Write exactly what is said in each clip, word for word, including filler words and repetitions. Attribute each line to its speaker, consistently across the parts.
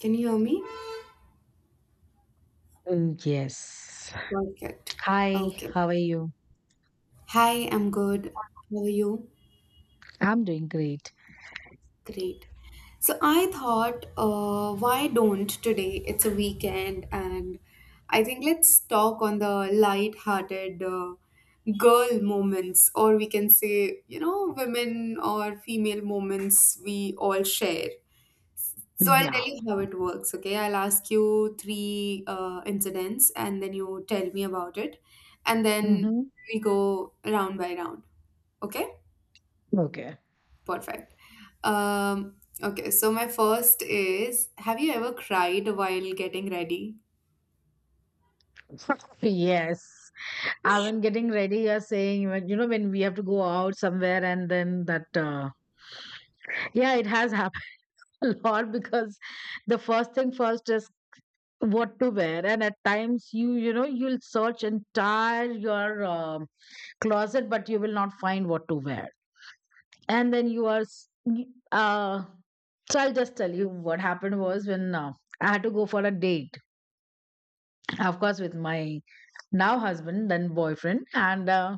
Speaker 1: Can you hear me?
Speaker 2: Oh, yes.
Speaker 1: Perfect.
Speaker 2: Hi,
Speaker 1: Okay.
Speaker 2: how are you?
Speaker 1: Hi, I'm good. How are you?
Speaker 2: I'm doing great.
Speaker 1: Great. So I thought, uh, why don't today? It's a weekend, and I think let's talk on the light-hearted uh, girl moments, or we can say, you know, women or female moments we all share. So I'll
Speaker 2: Yeah.
Speaker 1: tell you how it works, okay? I'll ask you three uh, incidents and then you tell me about it. And then
Speaker 2: Mm-hmm.
Speaker 1: we go round by round, okay?
Speaker 2: Okay.
Speaker 1: Perfect. Um, okay, so my first is, have you ever cried while getting ready?
Speaker 2: Yes. I When getting ready, you're saying, when- you know, when we have to go out somewhere and then that, uh, yeah, it has happened a lot because the first thing first is what to wear. And at times you, you know, you'll search entire your um closet, but you will not find what to wear. And then you are, s- y- uh, So I'll just tell you what happened was when uh, I had to go for a date, of course, with my now husband, then boyfriend, and uh,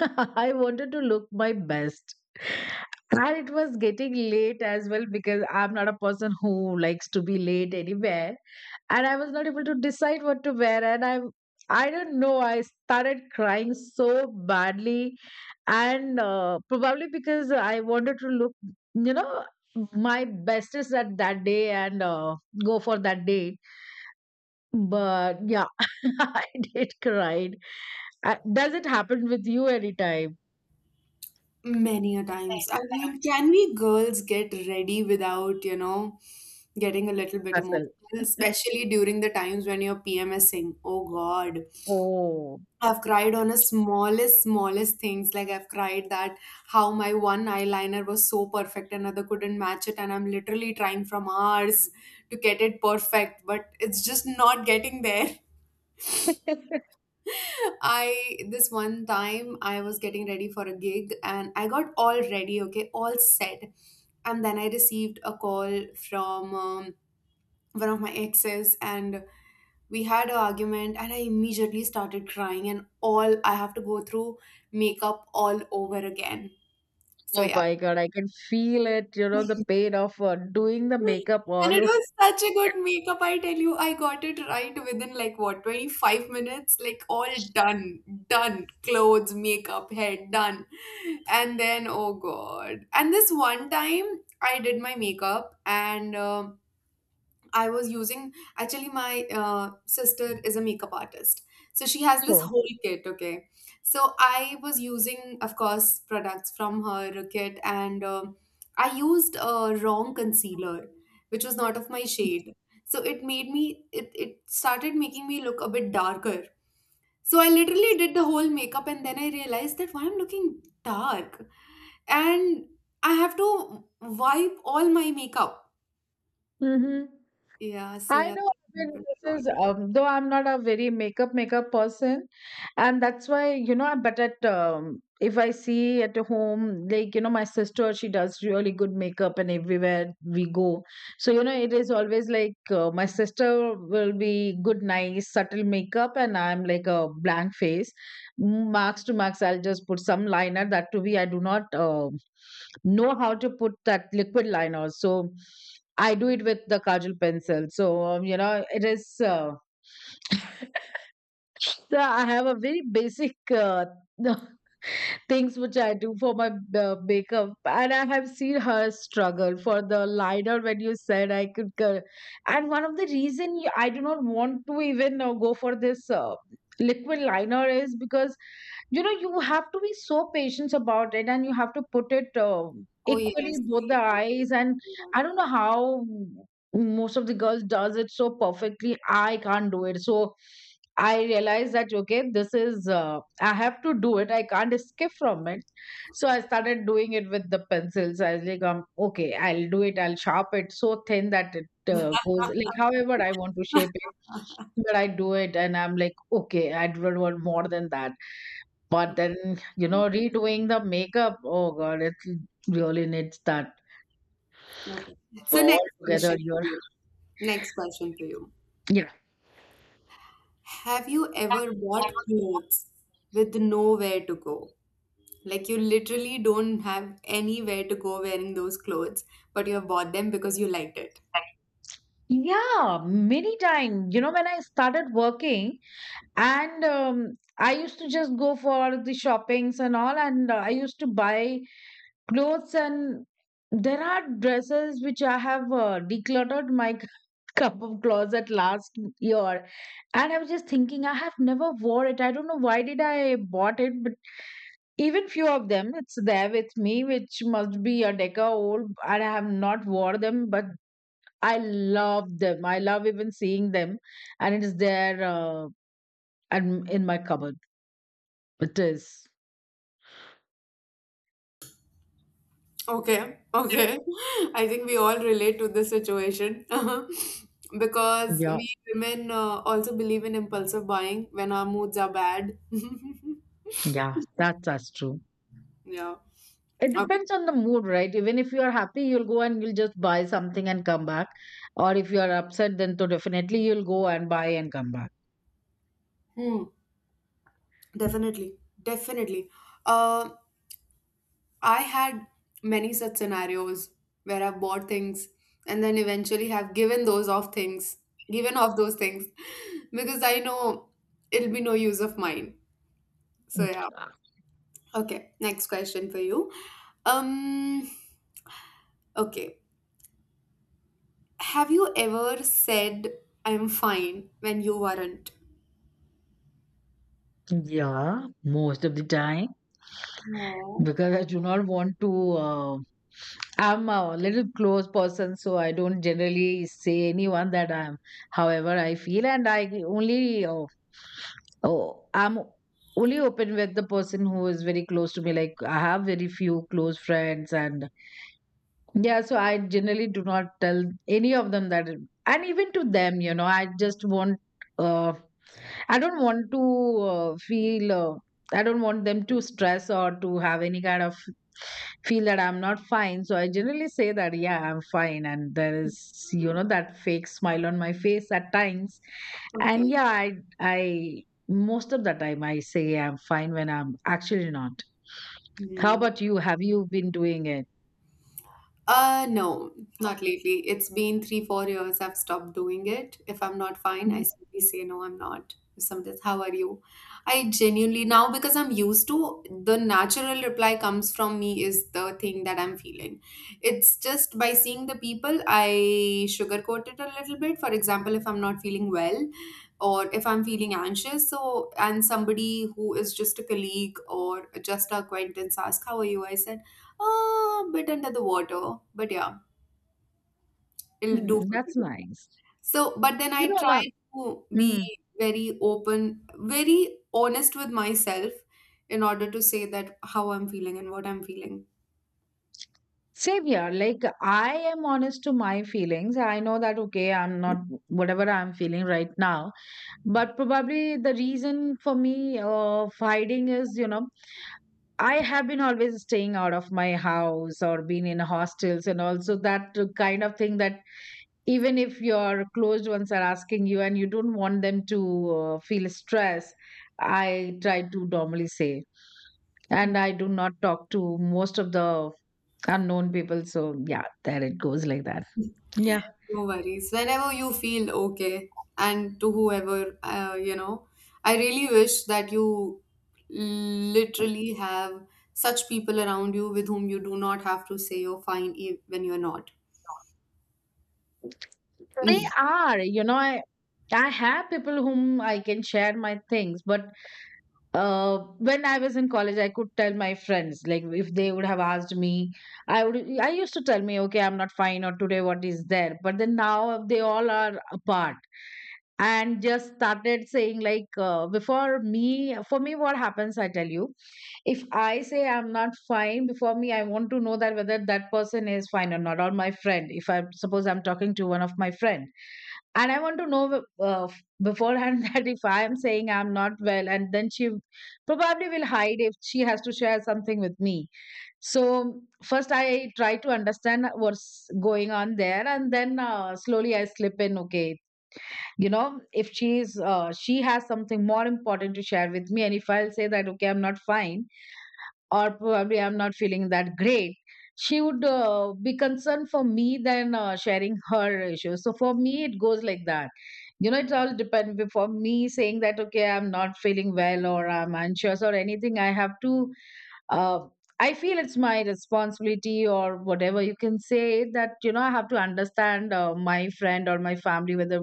Speaker 2: I wanted to look my best. And it was getting late as well because I'm not a person who likes to be late anywhere, and I was not able to decide what to wear. And I, I don't know, I started crying so badly, and uh, probably because I wanted to look, you know, my bestest at that day and uh, go for that date. But yeah, I did cry. Uh, Does it happen with you anytime,
Speaker 1: Many a times. I mean, can we girls get ready without, you know, getting a little bit emotional,
Speaker 2: Hassel?
Speaker 1: especially during the times when you're PMSing? Oh God.
Speaker 2: Oh.
Speaker 1: I've cried on the smallest, smallest things. Like I've cried that how my one eyeliner was so perfect, another couldn't match it, and I'm literally trying from hours to get it perfect, but it's just not getting there. I This one time I was getting ready for a gig and I got all ready, okay, all set, and then I received a call from um, one of my exes, and we had an argument and I immediately started crying and all I have to go through makeup all over again. So
Speaker 2: Oh
Speaker 1: yeah.
Speaker 2: my God, I can feel it, you know, the pain of uh, doing the makeup
Speaker 1: And it
Speaker 2: all
Speaker 1: was such a good makeup, I tell you, I got it right within like what, twenty-five minutes, like all done, done, clothes, makeup, hair done. And then, oh god, and this one time I did my makeup and um I was using, actually, my uh, sister is a makeup artist. So she has this
Speaker 2: over.
Speaker 1: whole kit, okay. So I was using, of course, products from her kit, and um I used a wrong concealer, which was not of my shade. So it made me, it, it started making me look a bit darker. So I literally did the whole makeup, and then I realized that why I'm looking dark, and I have to wipe all my makeup.
Speaker 2: Mm-hmm.
Speaker 1: Yeah, so
Speaker 2: I
Speaker 1: yeah.
Speaker 2: know I mean, this is um, though I'm not a very makeup makeup person, and that's why you know. But at um, if I see at home, like you know, my sister, she does really good makeup, and everywhere we go, so you know, it is always like uh, my sister will be good, nice, subtle makeup, and I'm like a blank face, marks to marks. I'll just put some liner. That to be, I do not uh, know how to put that liquid liner, so. I do it with the kajal pencil. So, um, you know, it is. Uh, so I have a very basic uh, things which I do for my uh, makeup. And I have seen her struggle for the liner when you said I could. cor- And one of the reason y- I do not want to even uh, go for this uh, liquid liner is because you know you have to be so patient about it, and you have to put it um
Speaker 1: Oh,
Speaker 2: equally
Speaker 1: yes.
Speaker 2: both the eyes. And I don't know how most of the girls does it so perfectly. I can't do it so. I realized that, okay, this is uh, I have to do it. I can't escape from it. So I started doing it with the pencils. I was like, um, okay, I'll do it. I'll sharp it so thin that it uh, goes like however I want to shape it. But I do it, and I'm like, okay, I don't want more than that. But then you know, redoing the makeup. Oh God, it really needs that
Speaker 1: Okay. So
Speaker 2: all
Speaker 1: next
Speaker 2: together.
Speaker 1: question
Speaker 2: You're
Speaker 1: for you. Next question for you.
Speaker 2: yeah.
Speaker 1: Have you ever bought clothes with nowhere to go? Like you literally don't have anywhere to go wearing those clothes, but you have bought them because you liked it.
Speaker 2: Yeah, many times. You know, when I started working, And um, I used to just go for the shoppings and all, and uh, I used to buy clothes. And there are dresses which I have uh, decluttered my cup of closet last year. And I was just thinking, I have never wore it. I don't know why did I bought it, but even few of them, it's there with me, which must be a decade old, and I have not wore them, but I love them. I love even seeing them, and it is there uh, and in my cupboard. It is.
Speaker 1: Okay, okay. I think we all relate to this situation because
Speaker 2: Yeah,
Speaker 1: we women uh, also believe in impulsive buying when our moods are bad.
Speaker 2: yeah, that's that's true.
Speaker 1: Yeah.
Speaker 2: It
Speaker 1: Okay.
Speaker 2: depends on the mood, right? Even if you are happy, you'll go and you'll just buy something and come back. Or if you are upset, then to definitely you'll go and buy and come back.
Speaker 1: Definitely, definitely. Uh, I had many such scenarios where I've bought things and then eventually have given those off things, given off those things, because I know it'll be no use of mine. So yeah. Okay, next question for you. Um, okay. Have you ever said I'm fine when you weren't?
Speaker 2: Yeah, most of the time.
Speaker 1: No.
Speaker 2: Because I do not want to. Uh, I'm a little close person, so I don't generally say anyone that I'm. However, I feel and I only. Uh, oh, I'm only open with the person who is very close to me. Like I have very few close friends, and yeah, so I generally do not tell any of them that, and even to them, you know, I just want. Uh, I don't want to uh, feel, uh, I don't want them to stress or to have any kind of feel that I'm not fine. So I generally say that, yeah, I'm fine. And there is, you know, that fake smile on my face at times. And
Speaker 1: Okay.
Speaker 2: yeah, I, I, most of the time I say I'm fine when I'm actually not. How
Speaker 1: Hmm.
Speaker 2: about you? Have you been doing it?
Speaker 1: Uh, no, not lately. It's been three, four years I've stopped doing it. If I'm not fine, I simply say no, I'm not. If somebody says, how are you? I genuinely, now because I'm used to, the natural reply comes from me is the thing that I'm feeling. It's just by seeing the people, I sugarcoat it a little bit. For example, if I'm not feeling well or if I'm feeling anxious, so, and somebody who is just a colleague or just a acquaintance asks, how are you? I said, uh, bit under the water, but yeah, it'll do
Speaker 2: Mm,
Speaker 1: for
Speaker 2: that's
Speaker 1: today.
Speaker 2: nice.
Speaker 1: So, but then
Speaker 2: You
Speaker 1: I
Speaker 2: know,
Speaker 1: try
Speaker 2: about,
Speaker 1: to
Speaker 2: hmm.
Speaker 1: be very open, very honest with myself in order to say that how I'm feeling and what I'm feeling.
Speaker 2: Same here. Like, I am honest to my feelings. I know that, okay, I'm not whatever I'm feeling right now. But probably the reason for me of hiding is, you know, I have been always staying out of my house or been in hostels and also that kind of thing that even if your closed ones are asking you and you don't want them to uh, feel stress, I try to normally say, and
Speaker 1: Mm.
Speaker 2: I do not talk to most of the unknown people. So yeah, there it goes like that. Yeah,
Speaker 1: No worries. Whenever you feel okay, and to whoever, uh, you know, I really wish that you literally have such people around you with whom you do not have to say you're fine e- when you're not.
Speaker 2: they are. You know, I I have people whom I can share my things But Uh, when I was in college, I could tell my friends, like if they would have asked me, I would, I used to tell me, okay, I'm not fine, or today what is there? But then now they all are apart, and just started saying, like, uh, before me, for me, what happens, I tell you, if I say I'm not fine, before me, I want to know that whether that person is fine or not, or my friend, if I suppose I'm talking to one of my friend and I want to know uh, beforehand that if I am saying I'm not well, and then she probably will hide if she has to share something with me. So first I try to understand what's going on there, and then uh, slowly I slip in, okay, you know, if she's uh, she has something more important to share with me, and if I'll say that, okay, I'm not fine, or probably I'm not feeling that great, she would uh, be concerned for me than uh, sharing her issues. So for me, it goes like that. You know, it all depends. For me, saying that, okay, I'm not feeling well or I'm anxious or anything, I have to, uh, I feel it's my responsibility or whatever you can say that, you know, I have to understand uh, my friend or my family, whether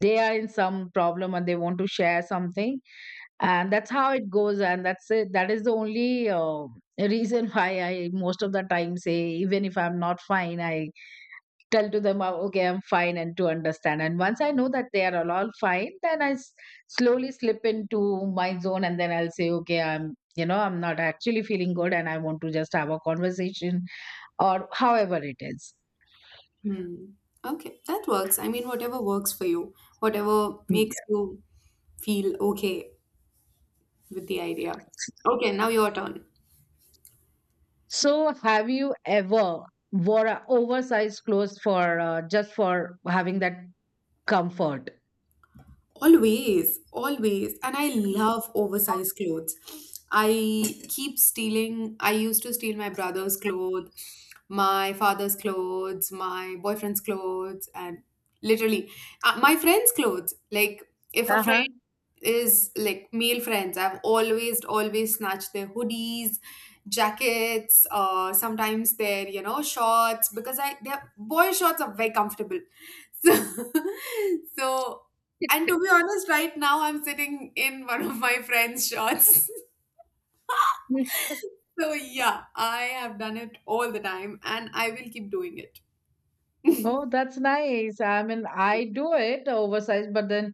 Speaker 2: they are in some problem and they want to share something, and that's how it goes, and that's it. That is the only uh, reason why I most of the time say even if I'm not fine, I tell to them, "Oh, okay, I'm fine," and to understand. And once I know that they are all all fine, then i s- slowly slip into my zone, and then I'll say, okay, I'm, you know, I'm not actually feeling good, and I want to just have a conversation, or however it is.
Speaker 1: Hmm. Okay, that works. I mean, whatever works for you, whatever makes
Speaker 2: Yes.
Speaker 1: you feel okay with the idea. Okay, now your turn.
Speaker 2: So have you ever wore a oversized clothes for uh, just for having that comfort?
Speaker 1: Always, always. And I love oversized clothes. I keep stealing, I used to steal my brother's clothes, my father's clothes, my boyfriend's clothes, and literally uh, my friend's clothes. Like, if a friend
Speaker 2: Uh-huh.
Speaker 1: is like male friends. I've always, always snatched their hoodies, jackets, uh, sometimes their, you know, shorts because I their boy shorts are very comfortable. So, so and to be honest, right now I'm sitting in one of my friend's shorts. So yeah, I have done it all the time and I will keep doing it.
Speaker 2: Oh, that's nice. I mean, I do it oversized, but then,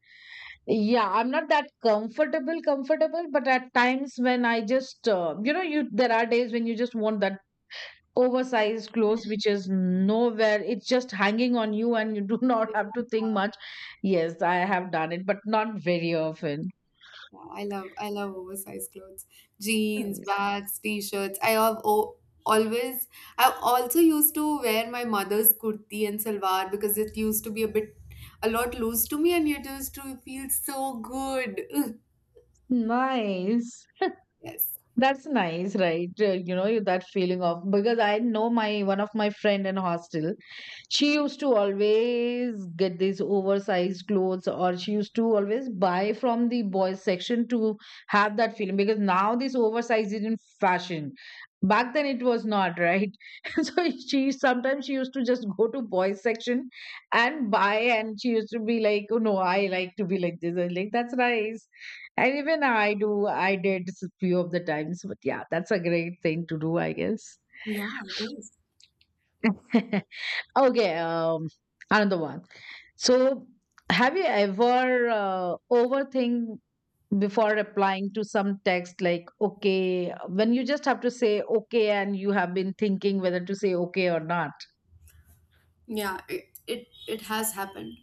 Speaker 2: yeah, I'm not that comfortable, comfortable. But at times when I just, uh, you know, you there are days when you just want that oversized clothes, which is nowhere. It's just hanging on you, and you do not have to think much. Yes, I have done it, but not very often.
Speaker 1: Yeah, I love I love oversized clothes. Jeans,
Speaker 2: Nice.
Speaker 1: bags, t-shirts. I have o always I also used to wear my mother's kurti and salwar because it used to be a bit a lot loose to me and it used to feel so good.
Speaker 2: Nice.
Speaker 1: Yes.
Speaker 2: That's nice, right? Uh, you know, you- that feeling of, because I know my one of my friend in hostel, she used to always get these oversized clothes, or she used to always buy from the boys section to have that feeling, because now this oversized is in fashion. Back then it was not, right? So she sometimes she used to just go to boys section and buy, and she used to be like, oh no, I like to be like this and like that's nice. And even i do i did s- few of the times, but yeah, that's a great thing to do, I guess.
Speaker 1: Yeah, it is.
Speaker 2: Okay, um another one. So, have you ever uh, overthink before applying to some text, like, okay, when you just have to say okay, and you have been thinking whether to say okay or not?
Speaker 1: Yeah, it, it it has happened.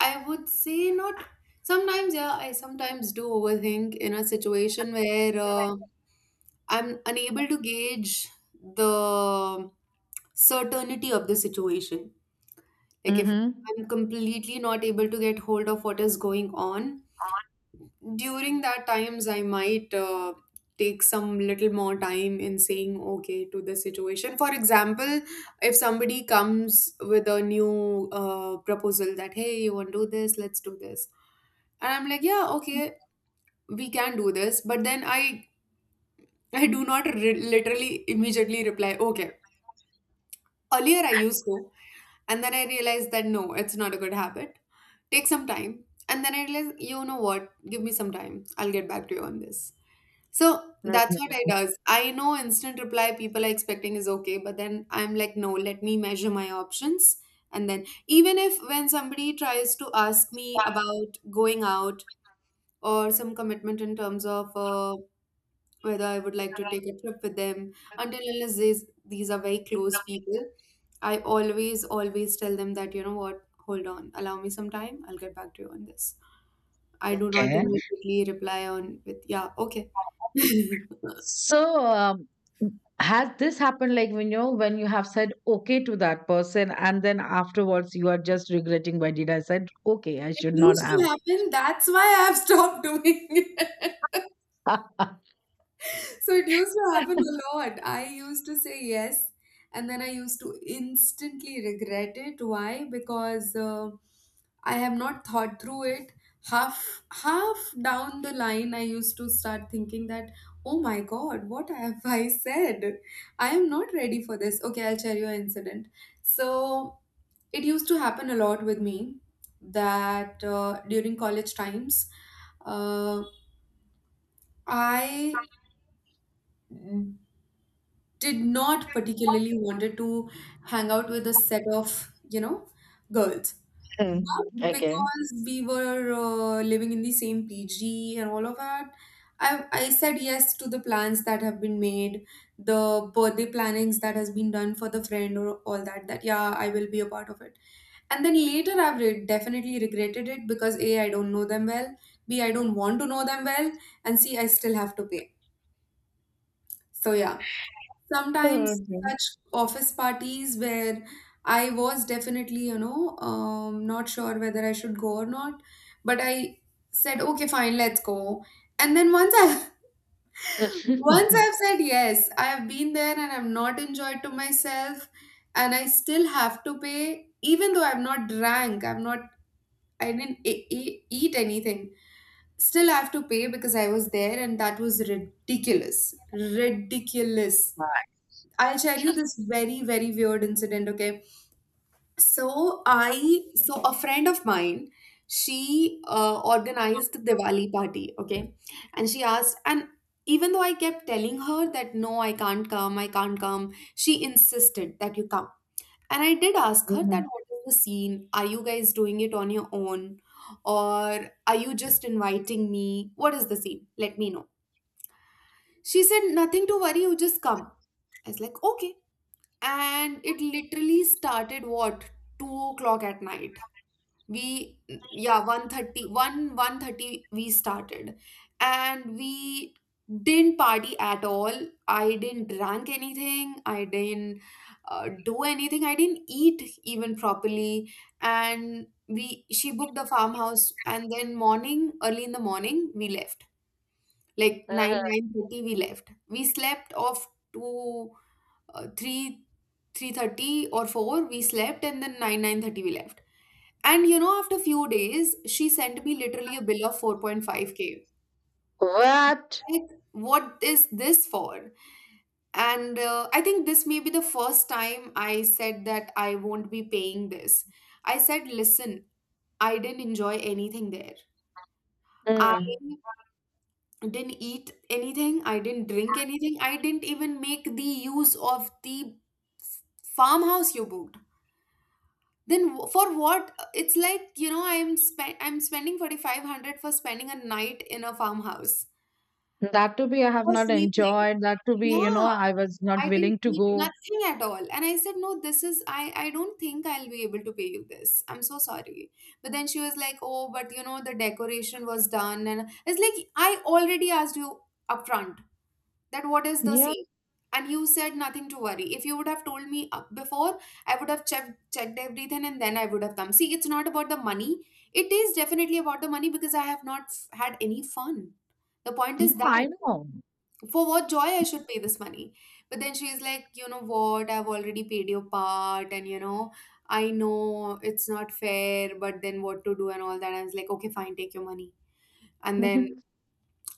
Speaker 1: I would say not sometimes. Yeah, I sometimes do overthink in a situation where uh, I'm unable to gauge the certainty of the situation. Like if
Speaker 2: Mhm.
Speaker 1: I'm completely not able to get hold of what is going on, during that times I might uh, take some little more time in saying okay to the situation. For example, if somebody comes with a new uh, proposal that hey, you want to do this, let's do this. And I'm like, yeah, okay, we can do this, but then I I do not re- literally immediately reply, okay. Earlier I used to. And then I realized that no, it's not a good habit. Take some time. And then I realized, you know what? Give me some time. I'll get back to you on this. So that's what
Speaker 2: Mhm.
Speaker 1: I does. I know instant reply people are expecting is okay, but then I'm like, no, let me measure my options. And then even if when somebody tries to ask me about going out or some commitment in terms of uh, whether I would like to take a trip with them. Until unless these, these are very close people, I always, always tell them that, you know what, hold on, allow me some time, I'll get back to you on this. I do not
Speaker 2: Okay.
Speaker 1: immediately reply on with, yeah, okay.
Speaker 2: So, um, has this happened, like, when you know when you have said okay to that person and then afterwards you are just regretting, why did I said okay, I
Speaker 1: It
Speaker 2: should not
Speaker 1: used
Speaker 2: have.
Speaker 1: to happen. That's why I've stopped doing it. So it used to happen a lot. I used to say yes, and then I used to instantly regret it. Why? Because uh, I have not thought through it. Half half down the line, I used to start thinking that, oh my God, what have I said? I am not ready for this. Okay, I'll share you an incident. So it used to happen a lot with me that uh, during college times, uh, I did not particularly wanted to hang out with a set of, you know, girls,
Speaker 2: Okay.
Speaker 1: but
Speaker 2: Okay.
Speaker 1: because we were uh, living in the same pg and all of that, I, I said yes to the plans that have been made, the birthday plannings that has been done for the friend or all that, that yeah, I will be a part of it. And then later I've re- definitely regretted it because a, I don't know them well, b, I don't want to know them well, and c, I still have to pay. So yeah, sometimes
Speaker 2: Okay.
Speaker 1: such office parties where I was definitely, you know, um, not sure whether I should go or not, but I said, okay, fine, let's go. And then once I, once I've said yes, I have been there and I've not enjoyed to myself, and I still have to pay, even though I've not drank, I've not, I didn't e- e- eat anything. Still, I have to pay because I was there, and that was ridiculous, ridiculous.
Speaker 2: Right.
Speaker 1: I'll share you this very, very weird incident, okay? So I so a friend of mine, she uh, organized the Diwali party, okay? And she asked, and even though I kept telling her that no, I can't come, I can't come, she insisted that you come. And I did ask her that
Speaker 2: Mhm.
Speaker 1: what is the scene? Are you guys doing it on your own? Or are you just inviting me? What is the scene? Let me know. She said, nothing to worry, you just come. I was like, okay, and it literally started what, 2 o'clock at night, we yeah, one thirty one one thirty we started. And we didn't party at all I didn't drink anything I didn't uh, do anything I didn't eat even properly and we she booked the farmhouse, and then morning, early in the morning, we left, like nine nine thirty, we left. We slept off to uh, three three thirty or four. We slept, and then nine nine thirty, we left. And you know after few days, she sent me literally a bill of four point five k.
Speaker 2: What?
Speaker 1: Like, what is this for? And uh, I think this may be the first time I said that I won't be paying this. I said, listen, I didn't enjoy anything there. I
Speaker 2: Mm.
Speaker 1: didn't eat anything. I didn't drink anything. I didn't even make the use of the farmhouse you booked. Then w- for what? It's like, you know i'm spend I'm spending forty-five hundred for spending a night in a farmhouse
Speaker 2: That to be, I have
Speaker 1: for
Speaker 2: not
Speaker 1: sleeping.
Speaker 2: enjoyed. That to be, you know,
Speaker 1: Yeah,
Speaker 2: I was not
Speaker 1: I didn't
Speaker 2: willing to
Speaker 1: eat
Speaker 2: go.
Speaker 1: nothing at all. And I said, no, this is i i don't think I'll be able to pay you this. I'm so sorry. But then she was like, oh, but you know the decoration was done. And it's like, I already asked you upfront that what is the
Speaker 2: Yeah,
Speaker 1: scene. And you said nothing to worry. If you would have told me up before, I would have checked checked everything and then I would have come. See, it's not about the money. It is definitely about the money because I have not f- had any fun. The point
Speaker 2: yeah,
Speaker 1: is that
Speaker 2: I know.
Speaker 1: for what joy I should pay this money? But then she's like, you know what, I've already paid your part. And you know I know it's not fair, but then what to do, and all that. I was like, okay, fine, take your money. And then,
Speaker 2: Mhm.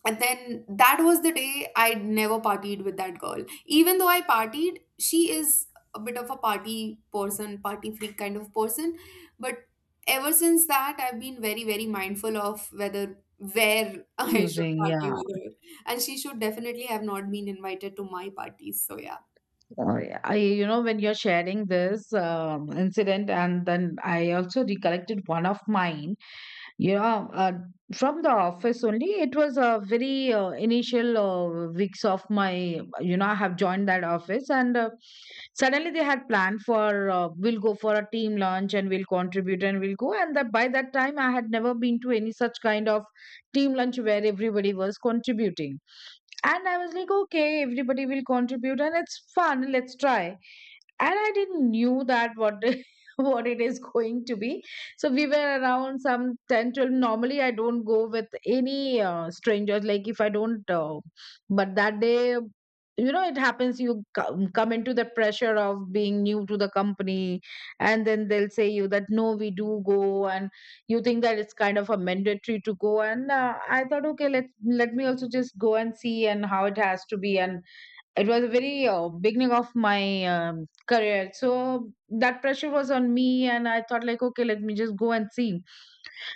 Speaker 1: and then that was the day I never partied with that girl. Even though I partied, she is a bit of a party person, party freak kind of person. But ever since that, I've been very, very mindful of whether where I should
Speaker 2: Choosing,
Speaker 1: party
Speaker 2: yeah.
Speaker 1: with her. And she should definitely have not been invited to my parties, so yeah.
Speaker 2: Oh, yeah. I, you know, when you're sharing this um, incident, and then I also recollected one of mine. you know uh, from the office only, it was a very uh, initial uh, weeks of my, you know I have joined that office, and uh, suddenly they had planned for, uh, we'll go for a team lunch and we'll contribute and we'll go. And that, by that time I had never been to any such kind of team lunch where everybody was contributing. And I was like, okay, everybody will contribute and it's fun, let's try. And I didn't knew that what what it is going to be. So we were around some ten twelve. Normally I don't go with any uh, strangers, like if I don't uh, but that day, you know, it happens you come, come into the pressure of being new to the company, and then they'll say you that no we do go. And you think that it's kind of a mandatory to go, and uh, I thought okay, let let me also just go and see and how it has to be. And it was a very uh, beginning of my um, career, so that pressure was on me, and I thought like okay, let me just go and see.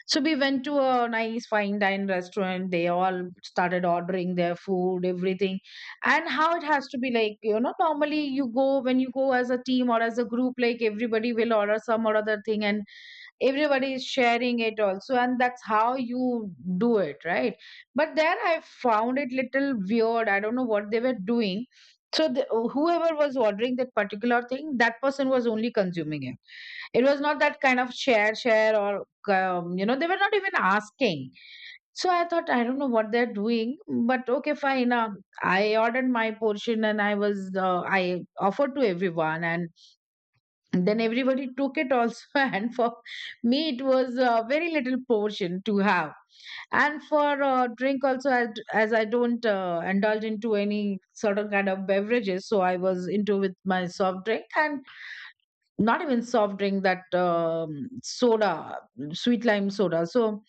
Speaker 2: So we went to a nice fine dine restaurant, they all started ordering their food, everything. And how it has to be, like, you know, normally you go, when you go as a team or as a group, like everybody will order some or other thing, and everybody is sharing it also, and that's how you do it, right? But there I found it little weird, I don't know what they were doing. so the, Whoever was ordering that particular thing, that person was only consuming it. It was not that kind of share share or, um, you know, they were not even asking. So I thought, I don't know what they're doing, but okay fine. uh, I ordered my portion, and i was uh, I offered to everyone, and and then everybody took it also. And for me it was a very little portion to have. And for uh, drink also, as, as I don't uh, indulge into any sort of kind of beverages, so I was into with my soft drink, and not even soft drink, that um, soda, sweet lime soda. So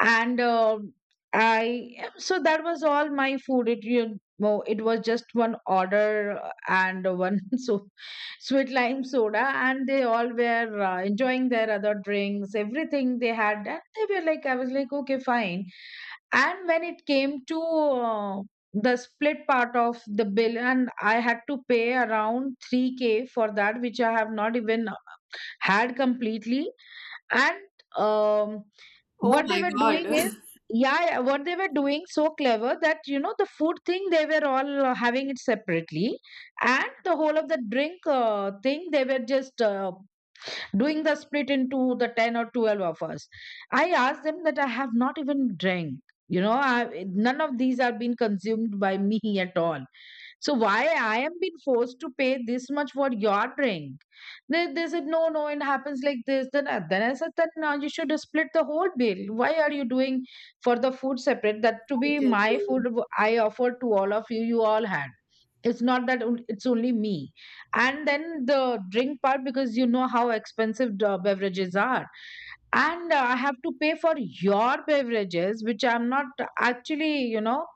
Speaker 2: and uh, I so that was all my food, it you know, it was just one order uh, and one. So sweet lime soda, and they all were uh, enjoying their other drinks, everything they had. And they were like, I was like, okay fine. And when it came to uh, the split part of the bill, and I had to pay around three k for that, which I have not even had completely. And um,
Speaker 1: Oh
Speaker 2: What they
Speaker 1: my
Speaker 2: were doing
Speaker 1: god.
Speaker 2: is, yeah, yeah, what they were doing, so clever, that, you know, the food thing, they were all uh, having it separately, and the whole of the drink uh, thing, they were just uh, doing the split into the ten or twelve of us. I asked them that I have not even drank. You know, I, none of these are being consumed by me at all, so why I am being forced to pay this much for your drink? They, they said, no, no, it happens like this. Then, I- then I said, then uh, you should split the whole bill. Why are you doing for the food separate? That to
Speaker 1: I
Speaker 2: be
Speaker 1: tell
Speaker 2: my food,
Speaker 1: you,
Speaker 2: w- I offered to all of you, you all had. It's not that on- it's only me. And then the drink part, because you know how expensive the beverages are, and uh, I have to pay for your beverages, which I'm not actually, you know,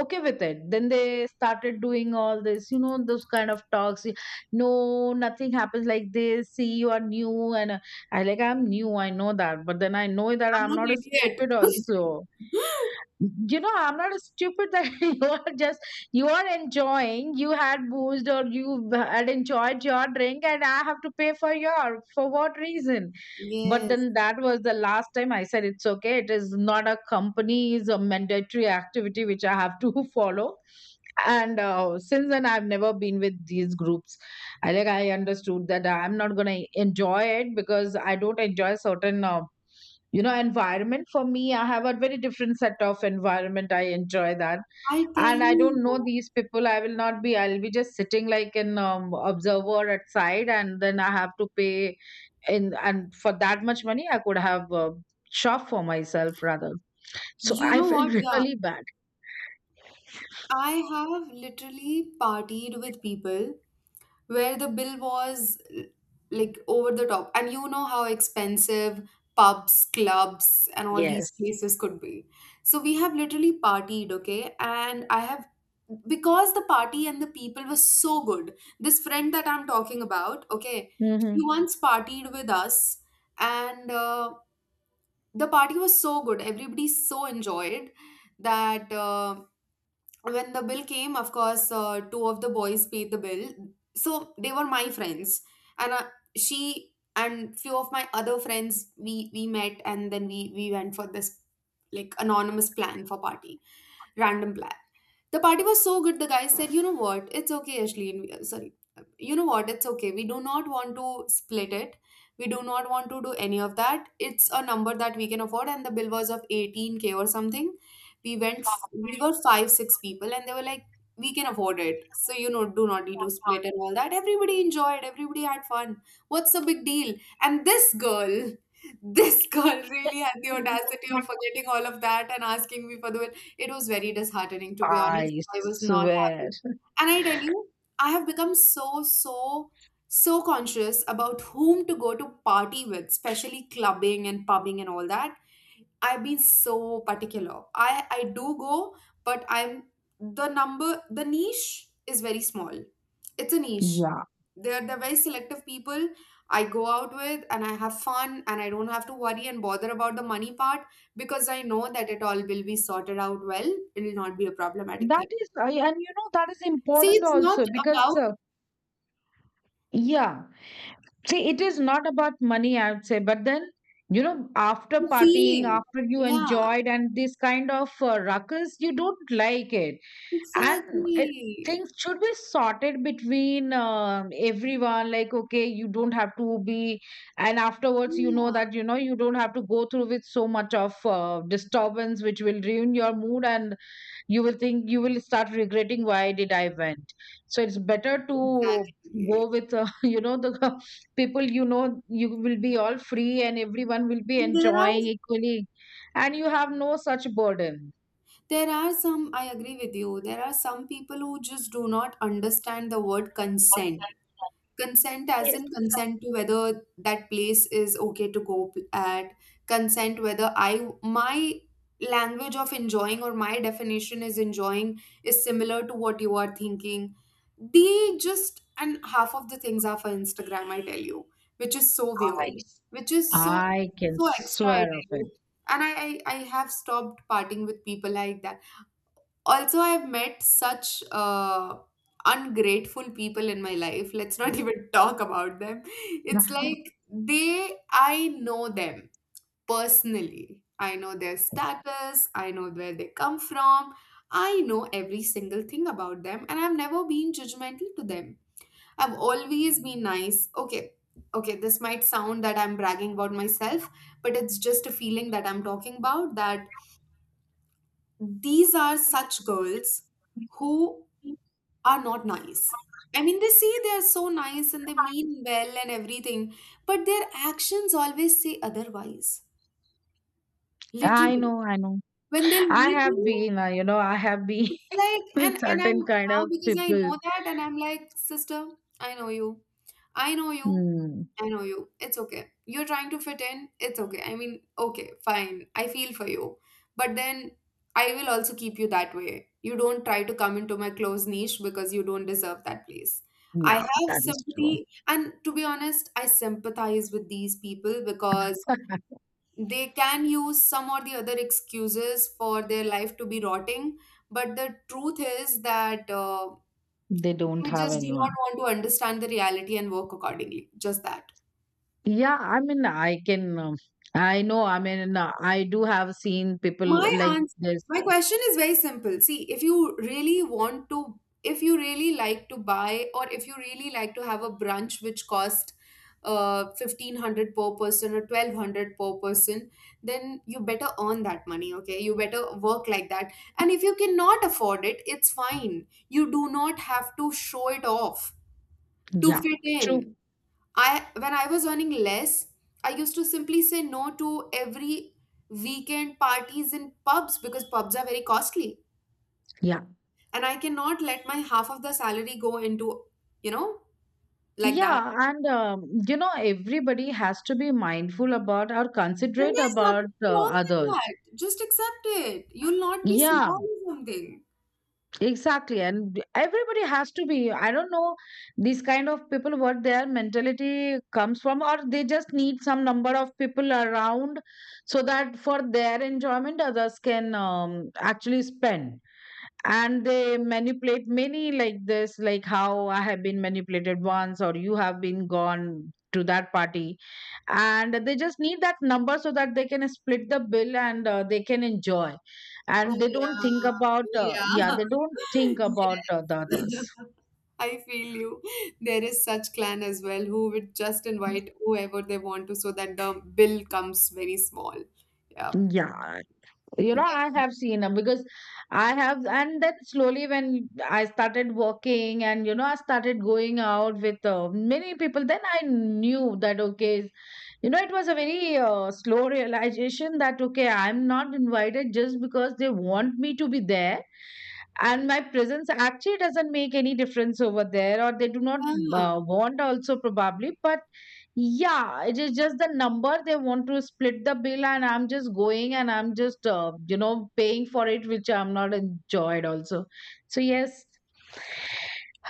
Speaker 2: okay with it. Then they started doing all this, you know, those kind of talks, no, nothing happens like this, see, you are new, and uh, i like I'm new, I know that, but then I know that
Speaker 1: I'm
Speaker 2: I'm
Speaker 1: not
Speaker 2: not a
Speaker 1: idiot.
Speaker 2: stupid also. You know, I'm not stupid that you are just, you are enjoying, you had booze or you had enjoyed your drink, and I have to pay for your, for what reason? But
Speaker 1: Yes.
Speaker 2: then that was the last time. I said it's okay, it is not a company's a mandatory activity which I have to follow. And uh, since then I've never been with these groups. i like I understood that I'm not going to enjoy it, because I don't enjoy certain uh, you know, environment. For me, I have a very different set of environment, I enjoy that.
Speaker 1: I tell
Speaker 2: And I don't know
Speaker 1: you,
Speaker 2: these people, I will not be, I'll be just sitting like an um, observer at side, and then I have to pay in, and for that much money I could have uh, shop for myself rather. So
Speaker 1: you
Speaker 2: I
Speaker 1: know
Speaker 2: felt
Speaker 1: what, yeah,
Speaker 2: really bad.
Speaker 1: I have literally partied with people where the bill was l- like over the top. And you know how expensive pubs, clubs, and all
Speaker 2: Yes.
Speaker 1: these places could be. So we have literally partied, okay? And I have, because the party and the people were so good, this friend that I'm talking about, okay, she
Speaker 2: Mm-hmm.
Speaker 1: once partied with us, and uh, the party was so good. Everybody so enjoyed that. Uh, when the bill came, of course, uh, two of the boys paid the bill, so they were my friends. And uh, she and few of my other friends, we we met, and then we we went for this, like, anonymous plan for party, random plan. The party was so good, the guy said, You know what? It's okay, Ashley. uh, Sorry. You know what? It's okay. We do not want to split it. We do not want to do any of that. It's a number that we can afford. And the bill was of eighteen k or something. We went, we were five, six people, and they were like, We can afford it. So, you know, do not need to split and all that. Everybody enjoyed. Everybody had fun. What's the big deal? And this girl, this girl really had the audacity of forgetting all of that and asking me for the it was very disheartening, to be honest.
Speaker 2: I
Speaker 1: I was not
Speaker 2: swear.
Speaker 1: happy. And I tell you, I have become so, so, so conscious about whom to go to party with, especially clubbing and pubbing and all that. I've been so particular. I I do go, but I'm the number, the niche is very small. It's a niche.
Speaker 2: Yeah.
Speaker 1: They're they're very selective people I go out with, and I have fun, and I don't have to worry and bother about the money part because I know that it all will be sorted out well. It'll not be a problematic
Speaker 2: That
Speaker 1: thing.
Speaker 2: is, I, and you know, that is
Speaker 1: See,
Speaker 2: important
Speaker 1: it's not
Speaker 2: also because,
Speaker 1: about
Speaker 2: uh, yeah, see, it is not about money, I would say, but then, you know, after
Speaker 1: the
Speaker 2: partying,
Speaker 1: feeling.
Speaker 2: after you
Speaker 1: Yeah,
Speaker 2: enjoyed and this kind of uh, ruckus, you don't like it. And it,
Speaker 1: exactly.
Speaker 2: things should be sorted between um everyone. Like, okay, you don't have to be, and afterwards, you know
Speaker 1: Yeah,
Speaker 2: that, you know, you don't have to go through with so much of uh, disturbance, which will ruin your mood, and you will think, you will start regretting why did I went. So it's better to go
Speaker 1: exactly.
Speaker 2: with uh, you know, the people you know, you will be all free, and everyone will be
Speaker 1: And there are
Speaker 2: enjoying equally, and you have no such burden.
Speaker 1: there are some, I agree with you. There are some people who just do not understand the word consent. Consent, as
Speaker 2: Yes,
Speaker 1: in consent to whether that place is okay to go p- at, consent whether I, my language of enjoying or my definition is enjoying is similar to what you are thinking. They just, and half of the things are for Instagram, I tell you, which is so weird,
Speaker 2: nice.
Speaker 1: which is so,
Speaker 2: I can
Speaker 1: so extra, I
Speaker 2: swear of
Speaker 1: tell
Speaker 2: it.
Speaker 1: you. And I, I, I have stopped parting with people like that. Also, I've met such uh, ungrateful people in my life. Let's not even talk about them. It's like they I know them personally. I know their status. I know where they come from. I know every single thing about them, and I've never been judgmental to them. I've always been nice, okay? Okay, this might sound that I'm bragging about myself, but it's just a feeling that I'm talking about, that these are such girls who are not nice. I mean, they say they are so nice and they mean well and everything, but their actions always say otherwise.
Speaker 2: I
Speaker 1: Literally,
Speaker 2: know, I know.
Speaker 1: when they'll
Speaker 2: I
Speaker 1: meet
Speaker 2: have
Speaker 1: you,
Speaker 2: been, uh, you know, I have been
Speaker 1: it's like, and
Speaker 2: with
Speaker 1: and I'm
Speaker 2: certain kind
Speaker 1: now
Speaker 2: of
Speaker 1: because I
Speaker 2: people.
Speaker 1: know that, and I'm like, sister, I know you, I know you,
Speaker 2: Mm,
Speaker 1: I know you. It's okay. You're trying to fit in. It's okay. I mean, okay, fine. I feel for you, but then I will also keep you that way. You don't try to come into my close niche because you don't deserve that place. I
Speaker 2: yeah,
Speaker 1: have
Speaker 2: that is true.
Speaker 1: sympathy, and to be honest, I sympathize with these people because they can use some or the other excuses for their life to be rotting, but the truth is that uh,
Speaker 2: They don't
Speaker 1: they
Speaker 2: have
Speaker 1: just do not
Speaker 2: anyone.
Speaker 1: want to understand the reality and work accordingly, just that.
Speaker 2: Yeah, I mean, I can. Um, I know. I mean, uh, I do have seen people
Speaker 1: My
Speaker 2: like
Speaker 1: answer,
Speaker 2: this.
Speaker 1: my question is very simple. See, if you really want to, if you really like to buy, or if you really like to have a brunch which cost uh fifteen hundred per person or twelve hundred per person, then you better earn that money, okay? You better work like that. And if you cannot afford it, it's fine. You do not have to show it off to
Speaker 2: Yeah,
Speaker 1: fit
Speaker 2: true.
Speaker 1: in. I When I was earning less, I used to simply say no to every weekend parties in pubs because pubs are very costly.
Speaker 2: Yeah,
Speaker 1: And I cannot let my half of the salary go into, you know, like that.
Speaker 2: yeah, and um, you know, everybody has to be mindful about or
Speaker 1: And
Speaker 2: considerate
Speaker 1: there's
Speaker 2: about
Speaker 1: nothing
Speaker 2: uh,
Speaker 1: wrong with
Speaker 2: others.
Speaker 1: that. Just accept it. You'll not be
Speaker 2: Yeah,
Speaker 1: small or something.
Speaker 2: exactly, and everybody has to be. I don't know these kind of people what their mentality comes from, or they just need some number of people around so that for their enjoyment, others can um, actually spend. And they manipulate many like this, like how I have been manipulated once, or you have been gone to that party, and they just need that number so that they can split the bill and uh, they can enjoy,
Speaker 1: Oh
Speaker 2: and they don't
Speaker 1: yeah.
Speaker 2: think about
Speaker 1: Oh
Speaker 2: uh, yeah
Speaker 1: yeah.
Speaker 2: they don't think about
Speaker 1: Yes.
Speaker 2: uh, the others.
Speaker 1: I feel you. There is such clan as well who would just invite whoever they want to so that the bill comes very small. Yeah.
Speaker 2: Yeah, you know,
Speaker 1: Def-
Speaker 2: I have seen them, because I have and then slowly when I started working, and you know, I started going out with uh, many people, then I knew that, okay, you know, it was a very uh, slow realization that okay, I'm not invited just because they want me to be there, and my presence actually doesn't make any difference over there, or they do not
Speaker 1: Yeah,
Speaker 2: uh, want also probably. But yeah, it is just the number, they want to split the bill, and I'm just going, and I'm just uh, you know, paying for it, which I'm not enjoyed also. So yes,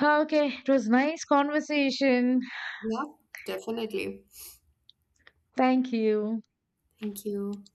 Speaker 2: okay, it was nice conversation.
Speaker 1: yeah, definitely.
Speaker 2: Thank you.
Speaker 1: Thank you.